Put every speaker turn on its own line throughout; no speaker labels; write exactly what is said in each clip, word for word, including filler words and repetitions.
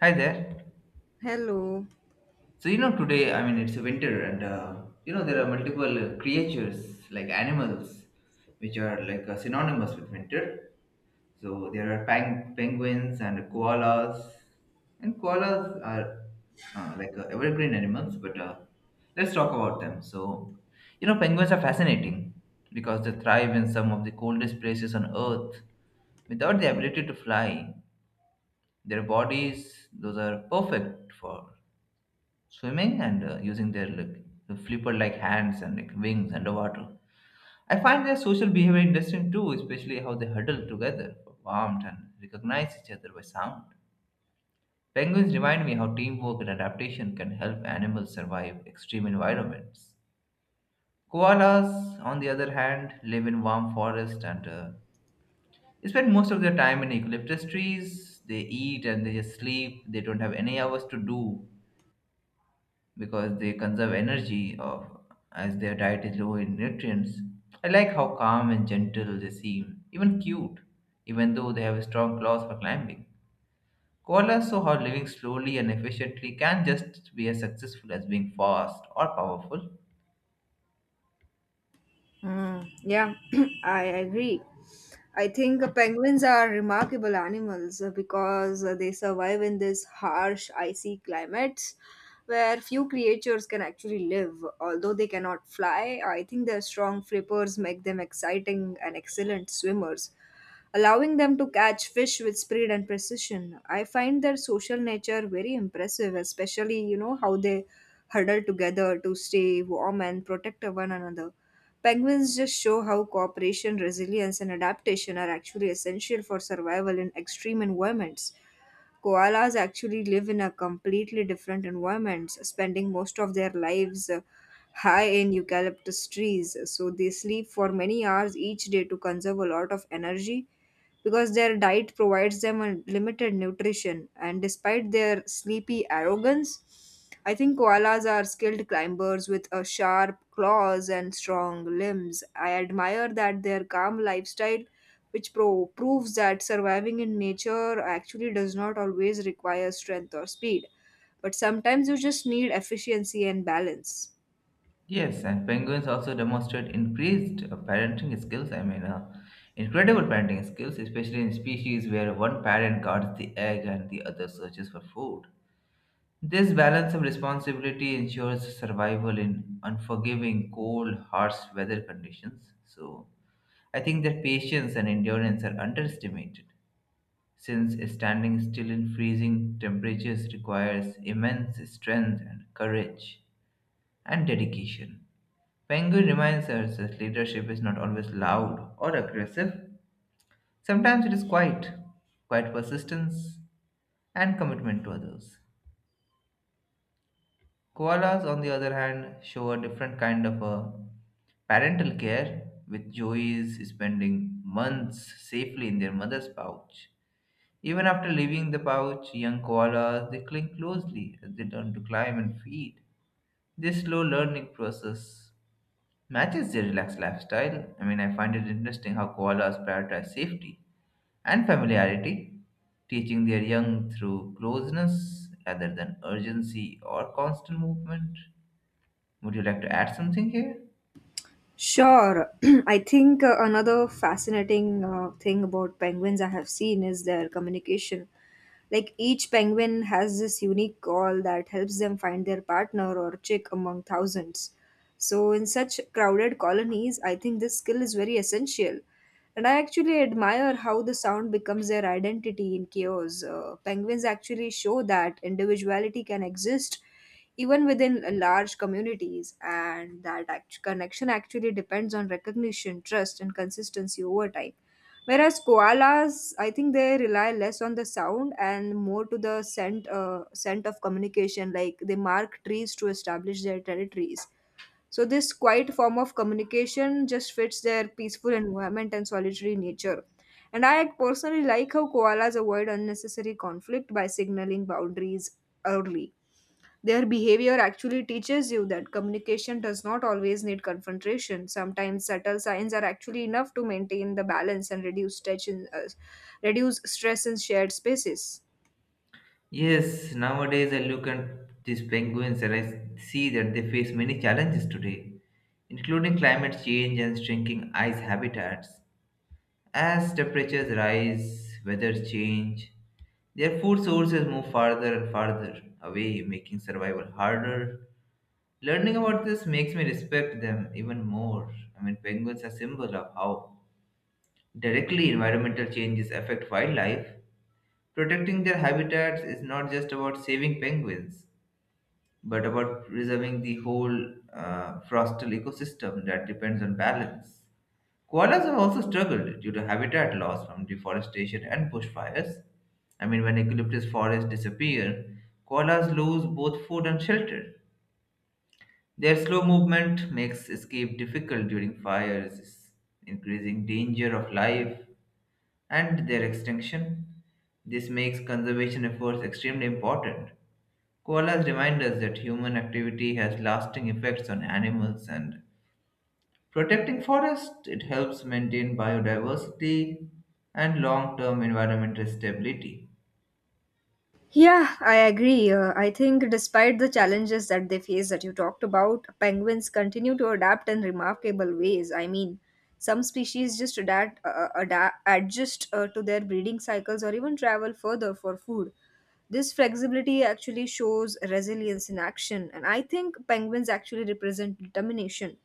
Hi there.
Hello.
So you know today, I mean it's winter, and uh, you know there are multiple uh, creatures like animals, which are like uh, synonymous with winter. So there are peng- penguins and koalas, and koalas are uh, like uh, evergreen animals. But uh, Let's talk about them. So you know penguins are fascinating because they thrive in some of the coldest places on Earth without the ability to fly. Their bodies, those are perfect for swimming and uh, using their like flipper like hands and like wings underwater. I find their social behavior interesting too, especially how they huddle together for warmth and recognize each other by sound. Penguins remind me how teamwork and adaptation can help animals survive extreme environments. Koalas, on the other hand, live in warm forests and uh, they spend most of their time in eucalyptus trees. They eat and they just sleep. They don't have any hours to do because they conserve energy of, as their diet is low in nutrients. I like how calm and gentle they seem, even cute, even though they have strong claws for climbing. Koalas show how living slowly and efficiently can just be as successful as being fast or powerful.
Mm, yeah, I agree. I think penguins are remarkable animals uh, because uh, they survive in this harsh, icy climates where few creatures can actually live. Although they cannot fly, I think their strong flippers make them exciting and excellent swimmers, allowing them to catch fish with speed and precision. I find their social nature very impressive, especially, you know, how they huddle together to stay warm and protect one another. Penguins just show how cooperation, resilience, and adaptation are actually essential for survival in extreme environments. Koalas actually live in a completely different environment, spending most of their lives uh, high in eucalyptus trees. So they sleep for many hours each day to conserve a lot of energy because their diet provides them a limited nutrition. And despite their sleepy arrogance, I think koalas are skilled climbers with a sharp claws and strong limbs. I admire that their calm lifestyle which pro- proves that surviving in nature actually does not always require strength or speed, but sometimes you just need efficiency and balance.
Yes, and penguins also demonstrate increased uh, parenting skills. I mean, uh, incredible parenting skills, especially in species where one parent guards the egg and the other searches for food. This balance of responsibility ensures survival in unforgiving, cold, harsh weather conditions. So, I think that patience and endurance are underestimated, since standing still in freezing temperatures requires immense strength and courage and dedication. Penguin reminds us that leadership is not always loud or aggressive. Sometimes it is quiet, quiet persistence, and commitment to others. Koalas, on the other hand, show a different kind of a parental care, with joeys spending months safely in their mother's pouch. Even after leaving the pouch, young koalas they cling closely as they learn to climb and feed. This slow learning process matches their relaxed lifestyle. I mean, I find it interesting how koalas prioritize safety and familiarity, teaching their young through closeness rather than urgency or constant movement. Would you like to add something here?
Sure, I think uh, another fascinating uh, thing about penguins I have seen is their communication. Like each penguin has this unique call that helps them find their partner or chick among thousands. So, in such crowded colonies, I think this skill is very essential. And I actually admire how the sound becomes their identity in chaos. Uh, penguins actually show that individuality can exist even within uh, large communities, and that act- connection actually depends on recognition, trust, and consistency over time. Whereas koalas, I think they rely less on the sound and more to the scent, uh, scent of communication. Like they mark trees to establish their territories, so this quiet form of communication just fits their peaceful environment and solitary nature. And I personally like how koalas avoid unnecessary conflict by signaling boundaries early. Their behavior actually teaches you that communication does not always need confrontation. Sometimes subtle signs are actually enough to maintain the balance and reduce stress in, uh, reduce stress in shared spaces.
Yes, nowadays I look at these penguins and I see that they face many challenges today, including climate change and shrinking ice habitats. As temperatures rise, weather change, their food sources move farther and farther away, making survival harder. Learning about this makes me respect them even more. I mean, penguins are symbol of how directly environmental changes affect wildlife. Protecting their habitats is not just about saving penguins, but about preserving the whole uh, forestal ecosystem that depends on balance. Koalas have also struggled due to habitat loss from deforestation and bushfires. I mean, when eucalyptus forests disappear, koalas lose both food and shelter. Their slow movement makes escape difficult during fires, increasing danger of life and their extinction. This makes conservation efforts extremely important. Koalas remind us that human activity has lasting effects on animals and protecting forests, it helps maintain biodiversity and long-term environmental stability.
Yeah, I agree. Uh, I think despite the challenges that they face that you talked about, penguins continue to adapt in remarkable ways. I mean, some species just adapt, uh, adapt adjust uh, to their breeding cycles or even travel further for food. This flexibility actually shows resilience in action, and I think penguins actually represent determination,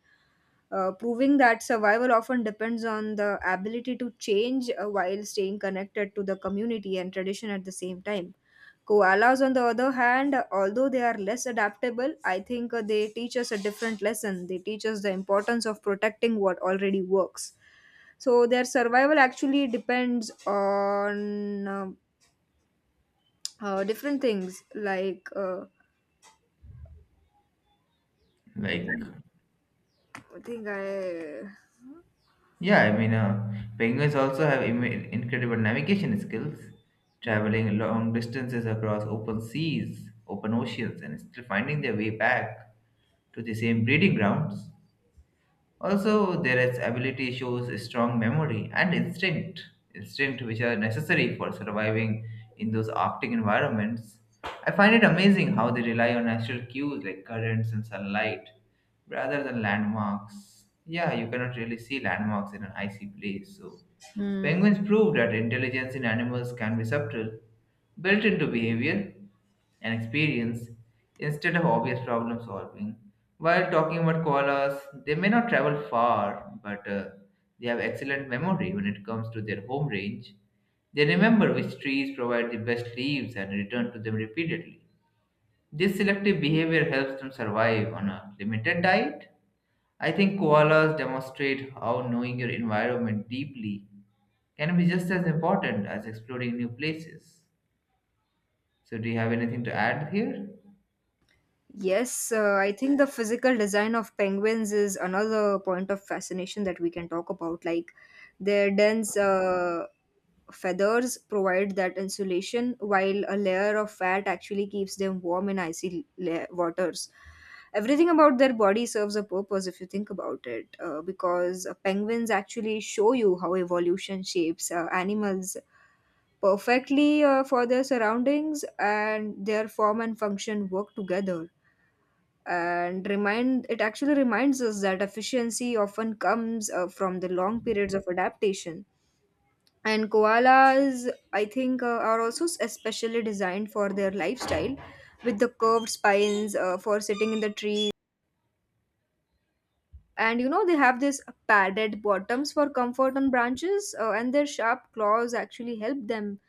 uh, proving that survival often depends on the ability to change uh, while staying connected to the community and tradition at the same time. Koalas, on the other hand, although they are less adaptable, I think uh, they teach us a different lesson. They teach us the importance of protecting what already works. So their survival actually depends on um, uh, different things. Like uh,
Like,
I think I.
yeah, I mean, uh, penguins also have Im- incredible navigation skills,
Mhm. Hmm.
traveling long distances across open seas, open oceans, and still finding their way back to the same breeding grounds. Also, their ability shows strong memory and instinct, instinct which are necessary for surviving in those Arctic environments. I find it amazing how they rely on natural cues like currents and sunlight rather than landmarks. Yeah, you cannot really see landmarks in an icy place. So,
hmm.
penguins prove that intelligence in animals can be subtle, built into behavior and experience instead of obvious problem solving. While talking about koalas, they may not travel far, but uh, they have excellent memory when it comes to their home range. They remember which trees provide the best leaves and return to them repeatedly. This selective behavior helps them survive on a limited diet. I think koalas demonstrate how knowing your environment deeply can be just as important as exploring new places. So, do you have anything to add here?
Yes, uh, I think the physical design of penguins is another point of fascination that we can talk about. Like their dense uh, feathers provide that insulation, while a layer of fat actually keeps them warm in icy la- waters. Everything about their body serves a purpose if you think about it, uh, because uh, penguins actually show you how evolution shapes uh, animals perfectly uh, for their surroundings, and their form and function work together and remind it actually reminds us that efficiency often comes uh, from the long periods of adaptation. And koalas, I think uh, are also s- especially designed for their lifestyle, with the curved spines uh, for sitting in the tree. And you know, they have these padded bottoms for comfort on branches, uh, and their sharp claws actually help them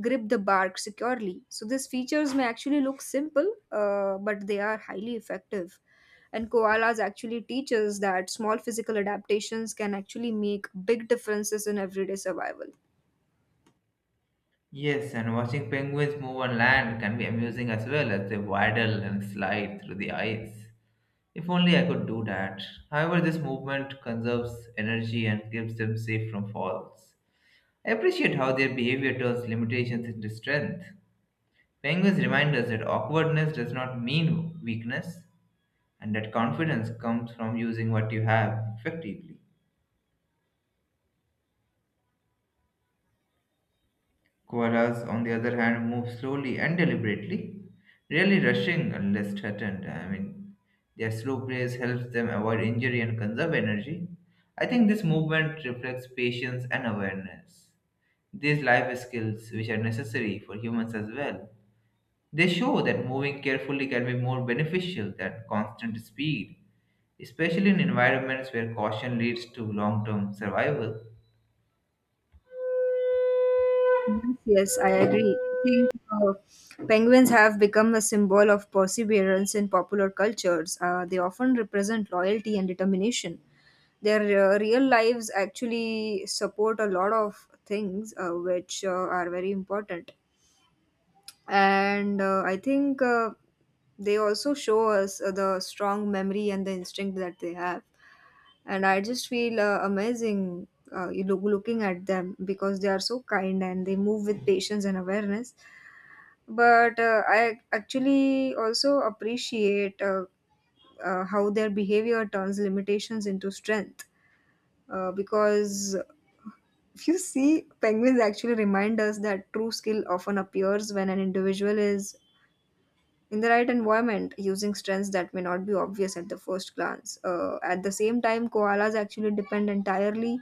grip the bark securely. So these features may actually look simple, uh, but they are highly effective, and koalas actually teach us that small physical adaptations can actually make big differences in everyday survival.
Yes, and watching penguins move on land can be amusing as well as they waddle and slide through the ice. If only I could do that. However, this movement conserves energy and keeps them safe from falls. I appreciate how their behavior turns limitations into strength. Penguins remind us that awkwardness does not mean weakness and that confidence comes from using what you have effectively. Koalas, on the other hand, move slowly and deliberately, rarely rushing unless threatened. I mean, their slow pace helps them avoid injury and conserve energy. I think this movement reflects patience and awareness. These life skills, which are necessary for humans as well, they show that moving carefully can be more beneficial than constant speed, especially in environments where caution leads to long term survival.
Yes, yes, I agree. I think uh, penguins have become a symbol of perseverance in popular cultures. Uh, they often represent loyalty and determination. Their uh, real lives actually support a lot of things uh, which uh, are very important. And uh, i think uh, they also show us uh, the strong memory and the instinct that they have. And I just feel uh, amazing uh, you look, looking at them, because they are so kind and they move with patience and awareness. But uh, I actually also appreciate uh, uh, how their behavior turns limitations into strength, uh, because if you see, penguins actually remind us that true skill often appears when an individual is in the right environment using strengths that may not be obvious at the first glance. Uh, at the same time, koalas actually depend entirely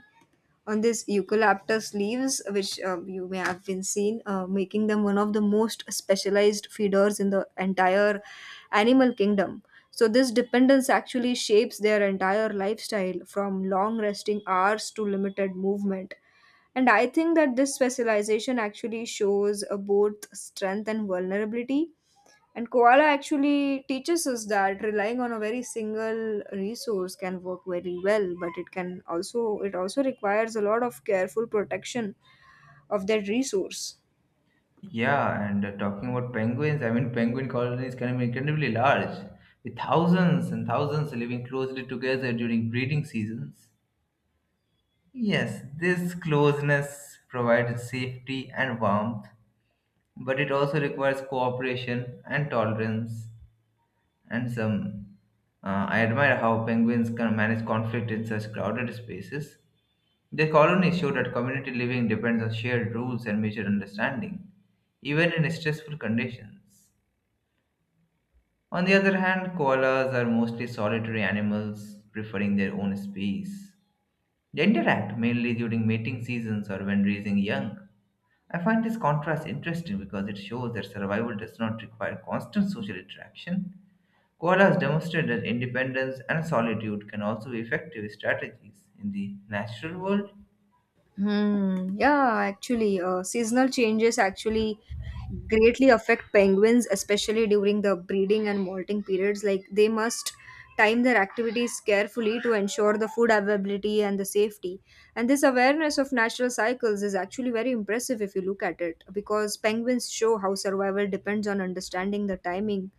on these eucalyptus leaves, which uh, you may have been seen, uh, making them one of the most specialized feeders in the entire animal kingdom. So, this dependence actually shapes their entire lifestyle, from long resting hours to limited movement. And I think that this specialization actually shows uh, both strength and vulnerability. And koala actually teaches us that relying on a very single resource can work very well, but it can also it also requires a lot of careful protection of that resource.
Yeah, and uh, talking about penguins, I mean, penguin colonies can be incredibly large, with thousands and thousands living closely together during breeding seasons. Yes, this closeness provides safety and warmth, but it also requires cooperation and tolerance. And some, uh, I admire how penguins can manage conflict in such crowded spaces. Their colonies show that community living depends on shared rules and mutual understanding, even in stressful conditions. On the other hand, koalas are mostly solitary animals, preferring their own space. They interact mainly during mating seasons or when raising young. I find this contrast interesting because it shows that survival does not require constant social interaction. Koalas demonstrate that independence and solitude can also be effective strategies in the natural world.
Hmm. Yeah, actually, uh, seasonal changes actually greatly affect penguins, especially during the breeding and molting periods. Like they must time their activities carefully to ensure the food availability and the safety. And this awareness of natural cycles is actually very impressive if you look at it, because penguins show how survival depends on understanding the timing,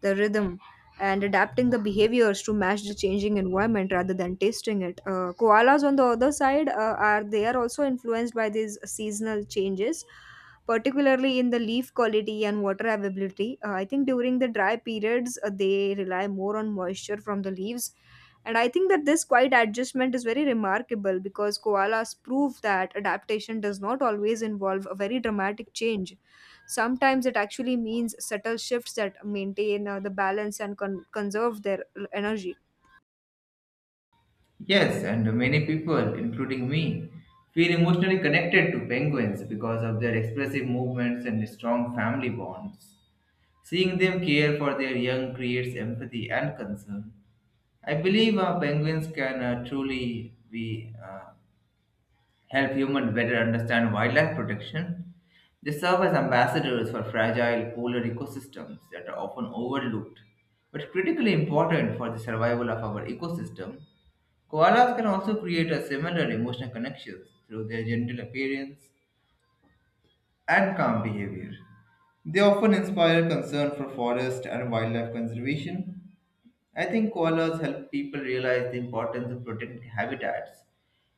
the rhythm. And adapting the behaviors to match the changing environment rather than tasting it. Uh, koalas, on the other side, uh, are they are also influenced by these seasonal changes, particularly in the leaf quality and water availability. Uh, I think during the dry periods, uh, they rely more on moisture from the leaves. And I think that this quiet adjustment is very remarkable, because koalas prove that adaptation does not always involve a very dramatic change. Sometimes it actually means subtle shifts that maintain uh, the balance and con- conserve their energy.
Yes, and many people, including me, feel emotionally connected to penguins because of their expressive movements and strong family bonds. Seeing them care for their young creates empathy and concern. I believe uh, penguins can uh, truly be uh, help humans better understand wildlife protection. They serve as ambassadors for fragile polar ecosystems that are often overlooked, but critically important for the survival of our ecosystem. Koalas can also create a similar emotional connections through their gentle appearance and calm behavior. They often inspire concern for forest and wildlife conservation. I think koalas help people realize the importance of protecting habitats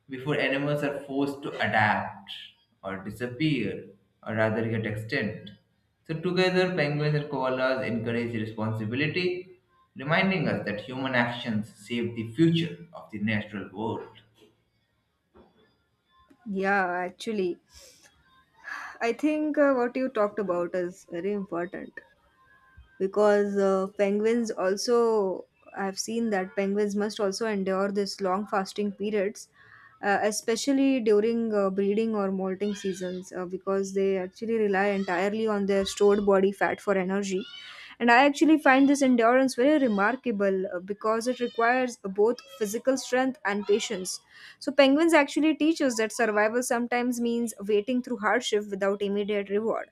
before animals are forced to adapt or disappear or rather get extinct. So, together, penguins and koalas encourage responsibility, reminding us that human actions save the future of the natural world.
Yeah, actually, I think uh, what you talked about is very important, because uh, penguins also I've seen that penguins must also endure this long fasting periods, uh, especially during uh, breeding or molting seasons, uh, because they actually rely entirely on their stored body fat for energy. And I actually find this endurance very remarkable, uh, because it requires uh, both physical strength and patience. So penguins actually teach us that survival sometimes means waiting through hardship without immediate reward,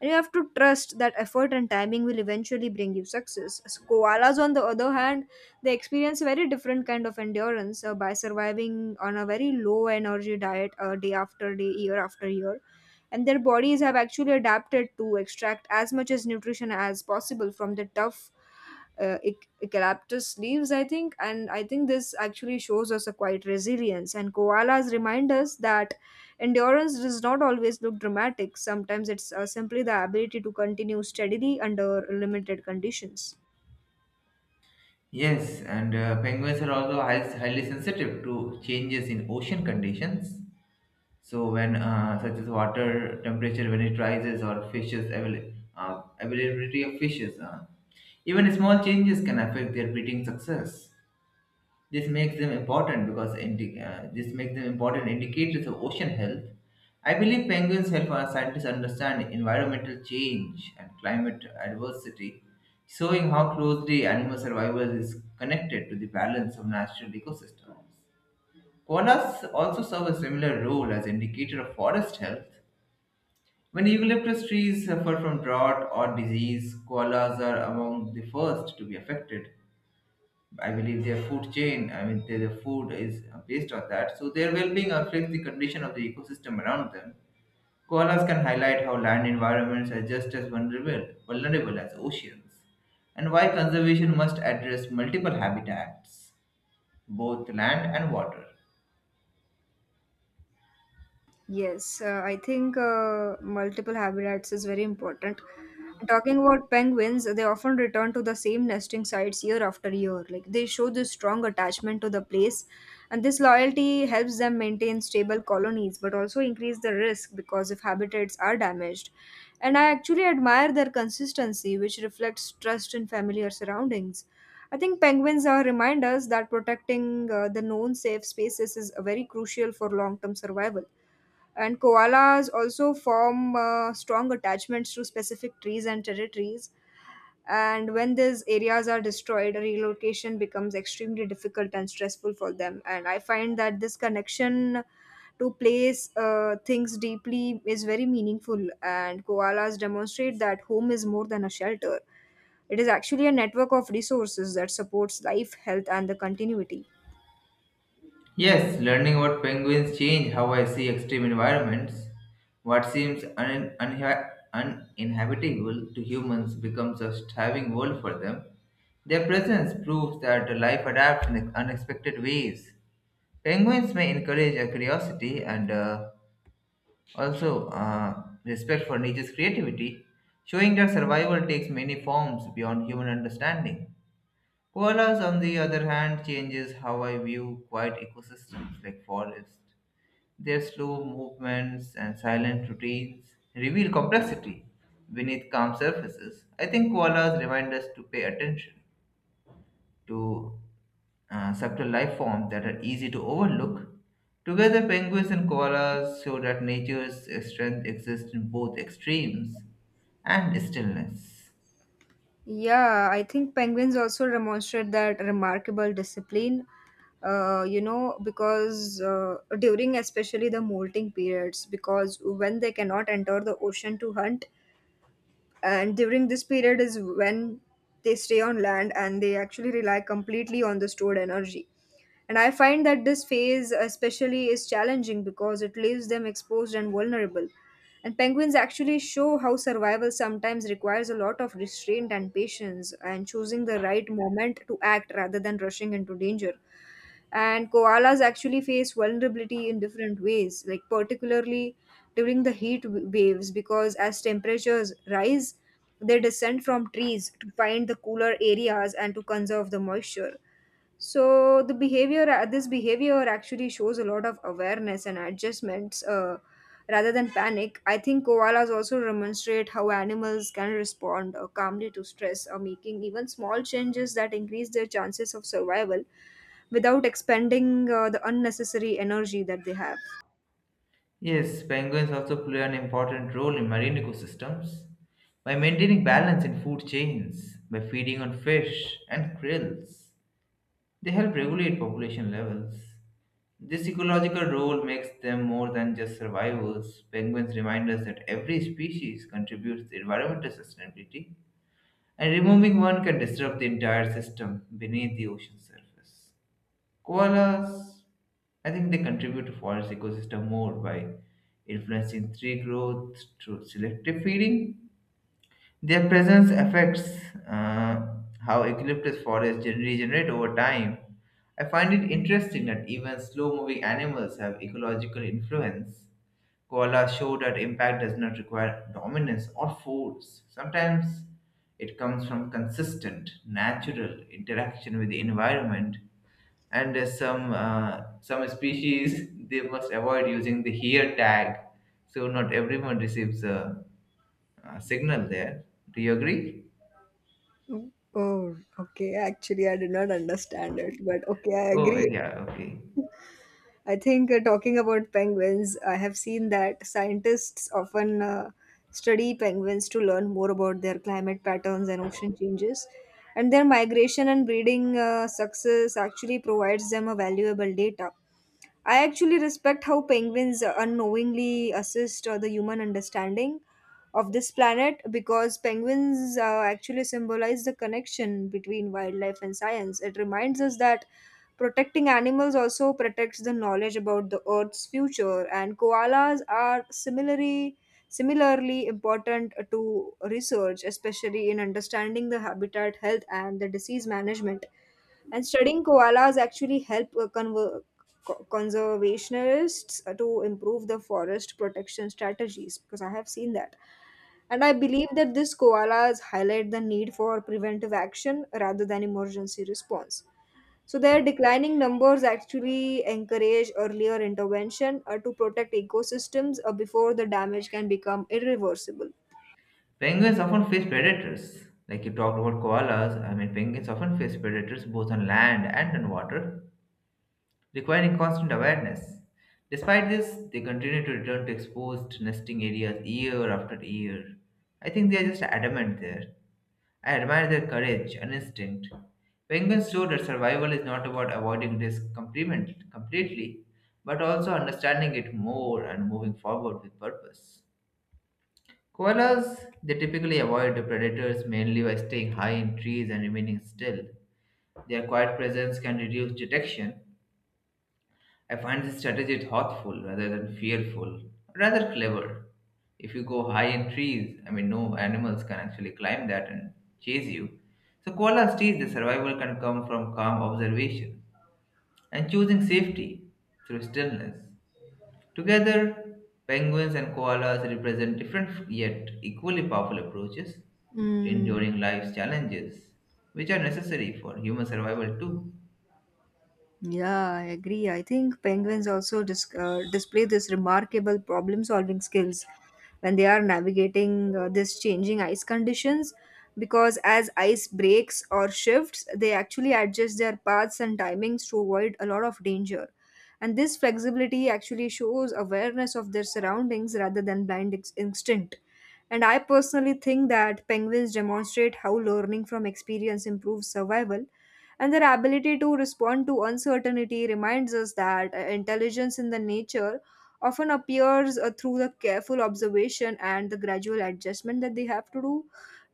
and you have to trust that effort and timing will eventually bring you success. As koalas, on the other hand, they experience a very different kind of endurance uh, by surviving on a very low energy diet, uh, day after day, year after year. And their bodies have actually adapted to extract as much as nutrition as possible from the tough uh, ec- eucalyptus leaves, I think. And I think this actually shows us a quiet resilience. And koalas remind us that endurance does not always look dramatic. Sometimes it's uh, simply the ability to continue steadily under limited conditions.
Yes, and uh, penguins are also high, highly sensitive to changes in ocean conditions. So when uh, such as water temperature when it rises or fishes avail- uh, availability of fishes, uh, even small changes can affect their breeding success. This makes them important because indi- uh, this makes them important indicators of ocean health. I believe penguins help our scientists understand environmental change and climate adversity, showing how closely animal survival is connected to the balance of natural ecosystems. Koalas also serve a similar role as indicator of forest health. When eucalyptus trees suffer from drought or disease, koalas are among the first to be affected. I believe their food chain, I mean their, their food is based on that. So their well-being affects the condition of the ecosystem around them. Koalas can highlight how land environments are just as vulnerable, vulnerable as oceans, and why conservation must address multiple habitats, both land and water.
Yes, uh, I think uh, multiple habitats is very important. Talking about penguins, they often return to the same nesting sites year after year. Like they show this strong attachment to the place, and this loyalty helps them maintain stable colonies, but also increase the risk because if habitats are damaged. And I actually admire their consistency, which reflects trust in familiar surroundings. I think penguins are reminders that protecting uh, the known safe spaces is uh, very crucial for long-term survival. And koalas also form uh, strong attachments to specific trees and territories. And when these areas are destroyed, relocation becomes extremely difficult and stressful for them. And I find that this connection to place uh, things deeply is very meaningful. And koalas demonstrate that home is more than a shelter, it is actually a network of resources that supports life, health, and the continuity.
Yes, learning about penguins change how I see extreme environments. What seems un- unha- uninhabitable to humans becomes a thriving world for them. Their presence proves that life adapts in unexpected ways. Penguins may encourage a curiosity and uh, also uh, respect for nature's creativity, showing that survival takes many forms beyond human understanding. Koalas, on the other hand, changes how I view quiet ecosystems like forests. Their slow movements and silent routines reveal complexity beneath calm surfaces. I think koalas remind us to pay attention to uh, subtle life forms that are easy to overlook. Together, penguins and koalas show that nature's strength exists in both extremes and stillness.
Yeah, I think penguins also demonstrate that remarkable discipline, uh, you know, because uh, during especially the molting periods, because when they cannot enter the ocean to hunt, and during this period is when they stay on land and they actually rely completely on the stored energy. And I find that this phase especially is challenging because it leaves them exposed and vulnerable. And penguins actually show how survival sometimes requires a lot of restraint and patience, and choosing the right moment to act rather than rushing into danger. And koalas actually face vulnerability in different ways, like particularly during the heat w- waves, because as temperatures rise, they descend from trees to find the cooler areas and to conserve the moisture. So the behavior, uh, this behavior actually shows a lot of awareness and adjustments, uh, rather than panic. I think koalas also demonstrate how animals can respond uh, calmly to stress, or making even small changes that increase their chances of survival without expending uh, the unnecessary energy that they have.
Yes, penguins also play an important role in marine ecosystems by maintaining balance in food chains, by feeding on fish and krills. They help regulate population levels. This ecological role makes them more than just survivors. Penguins remind us that every species contributes to environmental sustainability, and removing one can disrupt the entire system beneath the ocean surface. Koalas, I think they contribute to forest ecosystem more by influencing tree growth through selective feeding. Their presence affects uh, how eucalyptus forests gen- regenerate over time. I find it interesting that even slow moving animals have ecological influence. Koalas show that impact does not require dominance or force. Sometimes it comes from consistent, natural interaction with the environment. And uh, some uh, some species they must avoid using the here tag, so not everyone receives a, a signal there. Do you agree?
Oh, okay. Actually, I did not understand it, but okay, I
Oh, eh,
agree.
yeah, okay.
I think uh, talking about penguins, I have seen that scientists often uh, study penguins to learn more about their climate patterns and ocean changes. And their migration and breeding uh, success actually provides them a valuable data. I actually respect how penguins unknowingly assist uh, the human understanding of this planet because penguins uh, actually symbolize the connection between wildlife and science. It reminds us that protecting animals also protects the knowledge about the earth's future, and koalas are similarly similarly important to research, especially in understanding the habitat health and the disease management, and studying koalas actually help uh, conver- co- conservationists uh, to improve the forest protection strategies, because I have seen that. And I believe that these koalas highlight the need for preventive action rather than emergency response. So their declining numbers actually encourage earlier intervention uh, to protect ecosystems uh, before the damage can become irreversible.
Penguins often face predators. Like you talked about koalas, I mean, penguins often face predators both on land and on water, requiring constant awareness. Despite this, they continue to return to exposed nesting areas year after year. I think they are just adamant there. I admire their courage and instinct. Penguins show that survival is not about avoiding risk compliment- completely, but also understanding it more and moving forward with purpose. Koalas, they typically avoid the predators mainly by staying high in trees and remaining still. Their quiet presence can reduce detection. I find this strategy thoughtful rather than fearful, rather clever. If you go high in trees, I mean, no animals can actually climb that and chase you. So, koalas teach the survival can come from calm observation and choosing safety through stillness. Together, penguins and koalas represent different yet equally powerful approaches to
Mm.
enduring life's challenges, which are necessary for human survival too.
Yeah, I agree. I think penguins also dis- uh, display this remarkable problem solving skills when they are navigating uh, this changing ice conditions because as ice breaks or shifts, they actually adjust their paths and timings to avoid a lot of danger. And this flexibility actually shows awareness of their surroundings rather than blind ex- instinct. And I personally think that penguins demonstrate how learning from experience improves survival, and their ability to respond to uncertainty reminds us that uh, intelligence in the nature often appears uh, through the careful observation and the gradual adjustment that they have to do,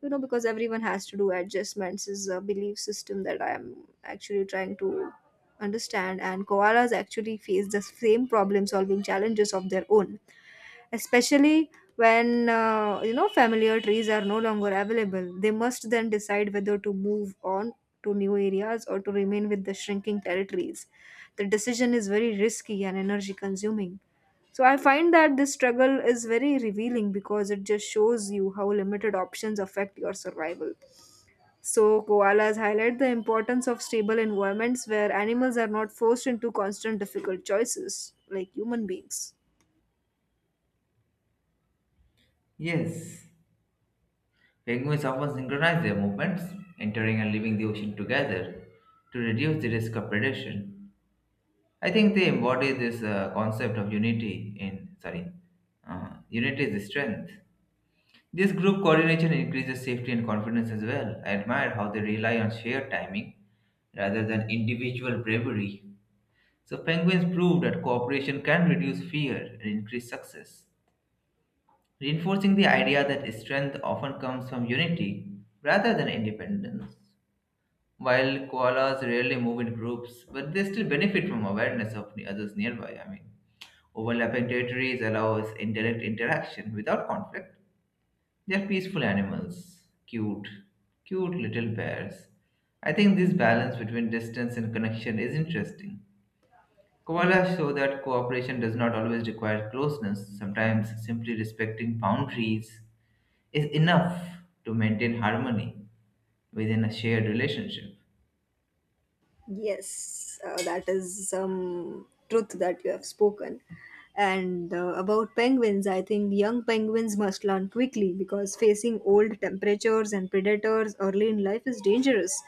you know, because everyone has to do adjustments is a belief system that I am actually trying to understand. And koalas actually face the same problem solving challenges of their own, especially when uh, you know, familiar trees are no longer available. They must then decide whether to move on to new areas or to remain with the shrinking territories. The decision is very risky and energy consuming. So I find that this struggle is very revealing because it just shows you how limited options affect your survival. So koalas highlight the importance of stable environments where animals are not forced into constant difficult choices like human beings.
Yes, penguins often synchronize their movements, entering and leaving the ocean together, to reduce the risk of predation. I think they embody this uh, concept of unity in sorry, uh, unity is the strength. This group coordination increases safety and confidence as well. I admire how they rely on shared timing rather than individual bravery. So, penguins prove that cooperation can reduce fear and increase success, reinforcing the idea that strength often comes from unity rather than independence. While koalas rarely move in groups, but they still benefit from awareness of the others nearby. I mean, overlapping territories allows indirect interaction without conflict, they're peaceful animals, cute, cute little bears. I think this balance between distance and connection is interesting. Koalas show that cooperation does not always require closeness, sometimes simply respecting boundaries is enough to maintain harmony within a shared relationship.
Yes, uh, that is some truth that you have spoken. And uh, about penguins, I think young penguins must learn quickly because facing old temperatures and predators early in life is dangerous.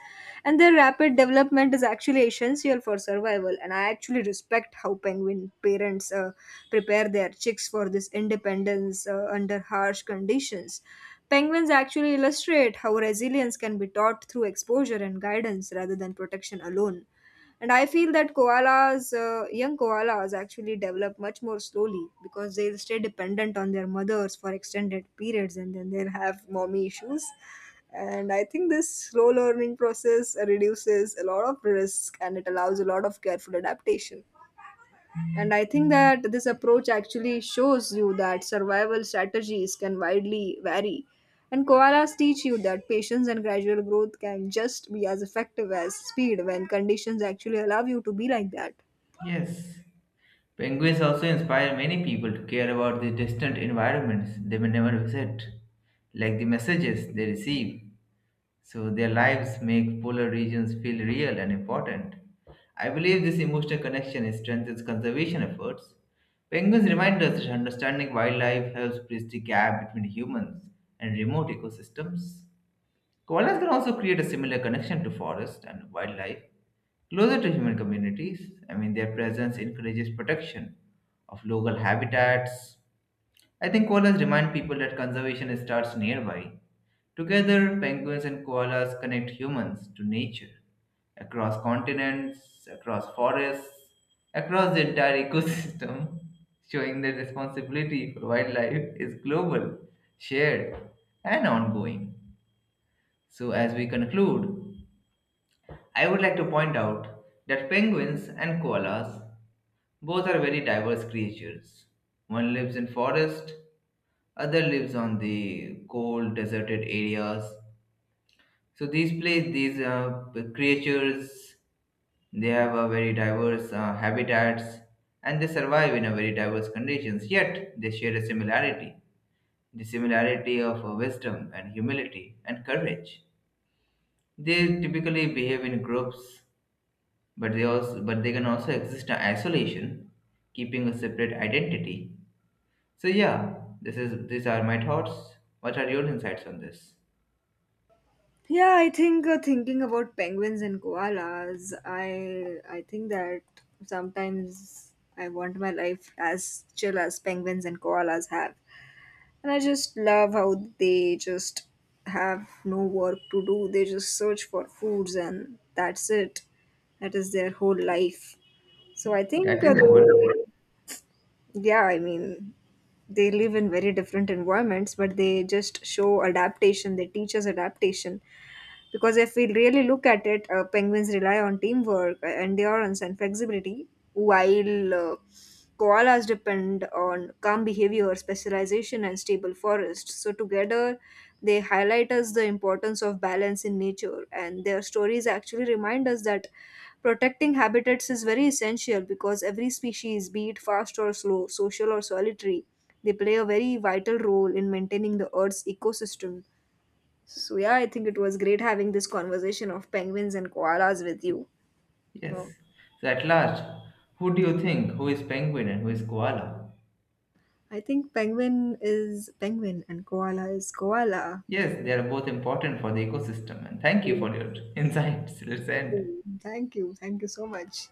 And their rapid development is actually essential for survival. And I actually respect how penguin parents uh, prepare their chicks for this independence uh, under harsh conditions. Penguins actually illustrate how resilience can be taught through exposure and guidance rather than protection alone. And I feel that koalas, uh, young koalas, actually develop much more slowly because they'll stay dependent on their mothers for extended periods, and then they'll have mommy issues. And I think this slow learning process reduces a lot of risk and it allows a lot of careful adaptation. And I think that this approach actually shows you that survival strategies can widely vary. And koalas teach you that patience and gradual growth can just be as effective as speed when conditions actually allow you to be like that.
Yes, penguins also inspire many people to care about the distant environments they may never visit, like the messages they receive. So their lives make polar regions feel real and important. I believe this emotional connection strengthens conservation efforts. Penguins remind us that understanding wildlife helps bridge the gap between humans and remote ecosystems. Koalas can also create a similar connection to forest and wildlife closer to human communities. I mean, their presence encourages protection of local habitats. I think koalas remind people that conservation starts nearby. Together, penguins and koalas connect humans to nature across continents, across forests, across the entire ecosystem, showing that responsibility for wildlife is global, shared, and ongoing. So, as we conclude, I would like to point out that penguins and koalas both are very diverse creatures. One lives in forest, other lives on the cold, deserted areas. So these place, these uh, p- creatures, they have a very diverse uh, habitats and they survive in a very diverse conditions. Yet they share a similarity, the similarity of uh, wisdom and humility and courage. They typically behave in groups, but they also but they can also exist in isolation, keeping a separate identity. So yeah, this is these are my thoughts. What are your insights on this?
Yeah, I think uh, thinking about penguins and koalas, I I think that sometimes I want my life as chill as penguins and koalas have. And I just love how they just have no work to do. They just search for foods and that's it. That is their whole life. So I think
That
uh,
is the word.
they, yeah, I mean, they live in very different environments, but they just show adaptation. They teach us adaptation because if we really look at it, uh, penguins rely on teamwork, uh, endurance, and flexibility, while uh, koalas depend on calm behavior, specialization, and stable forests. So, together, they highlight us the importance of balance in nature, and their stories actually remind us that protecting habitats is very essential because every species, be it fast or slow, social or solitary, they play a very vital role in maintaining the Earth's ecosystem. So yeah, I think it was great having this conversation of penguins and koalas with you. No,
Yes. So at last, who do you think? Who is penguin and who is koala?
I think penguin is penguin and koala is koala.
Yes, they are both important for the ecosystem. And thank you
Yes.
for your insights. Let's end.
Thank you. Thank you so much.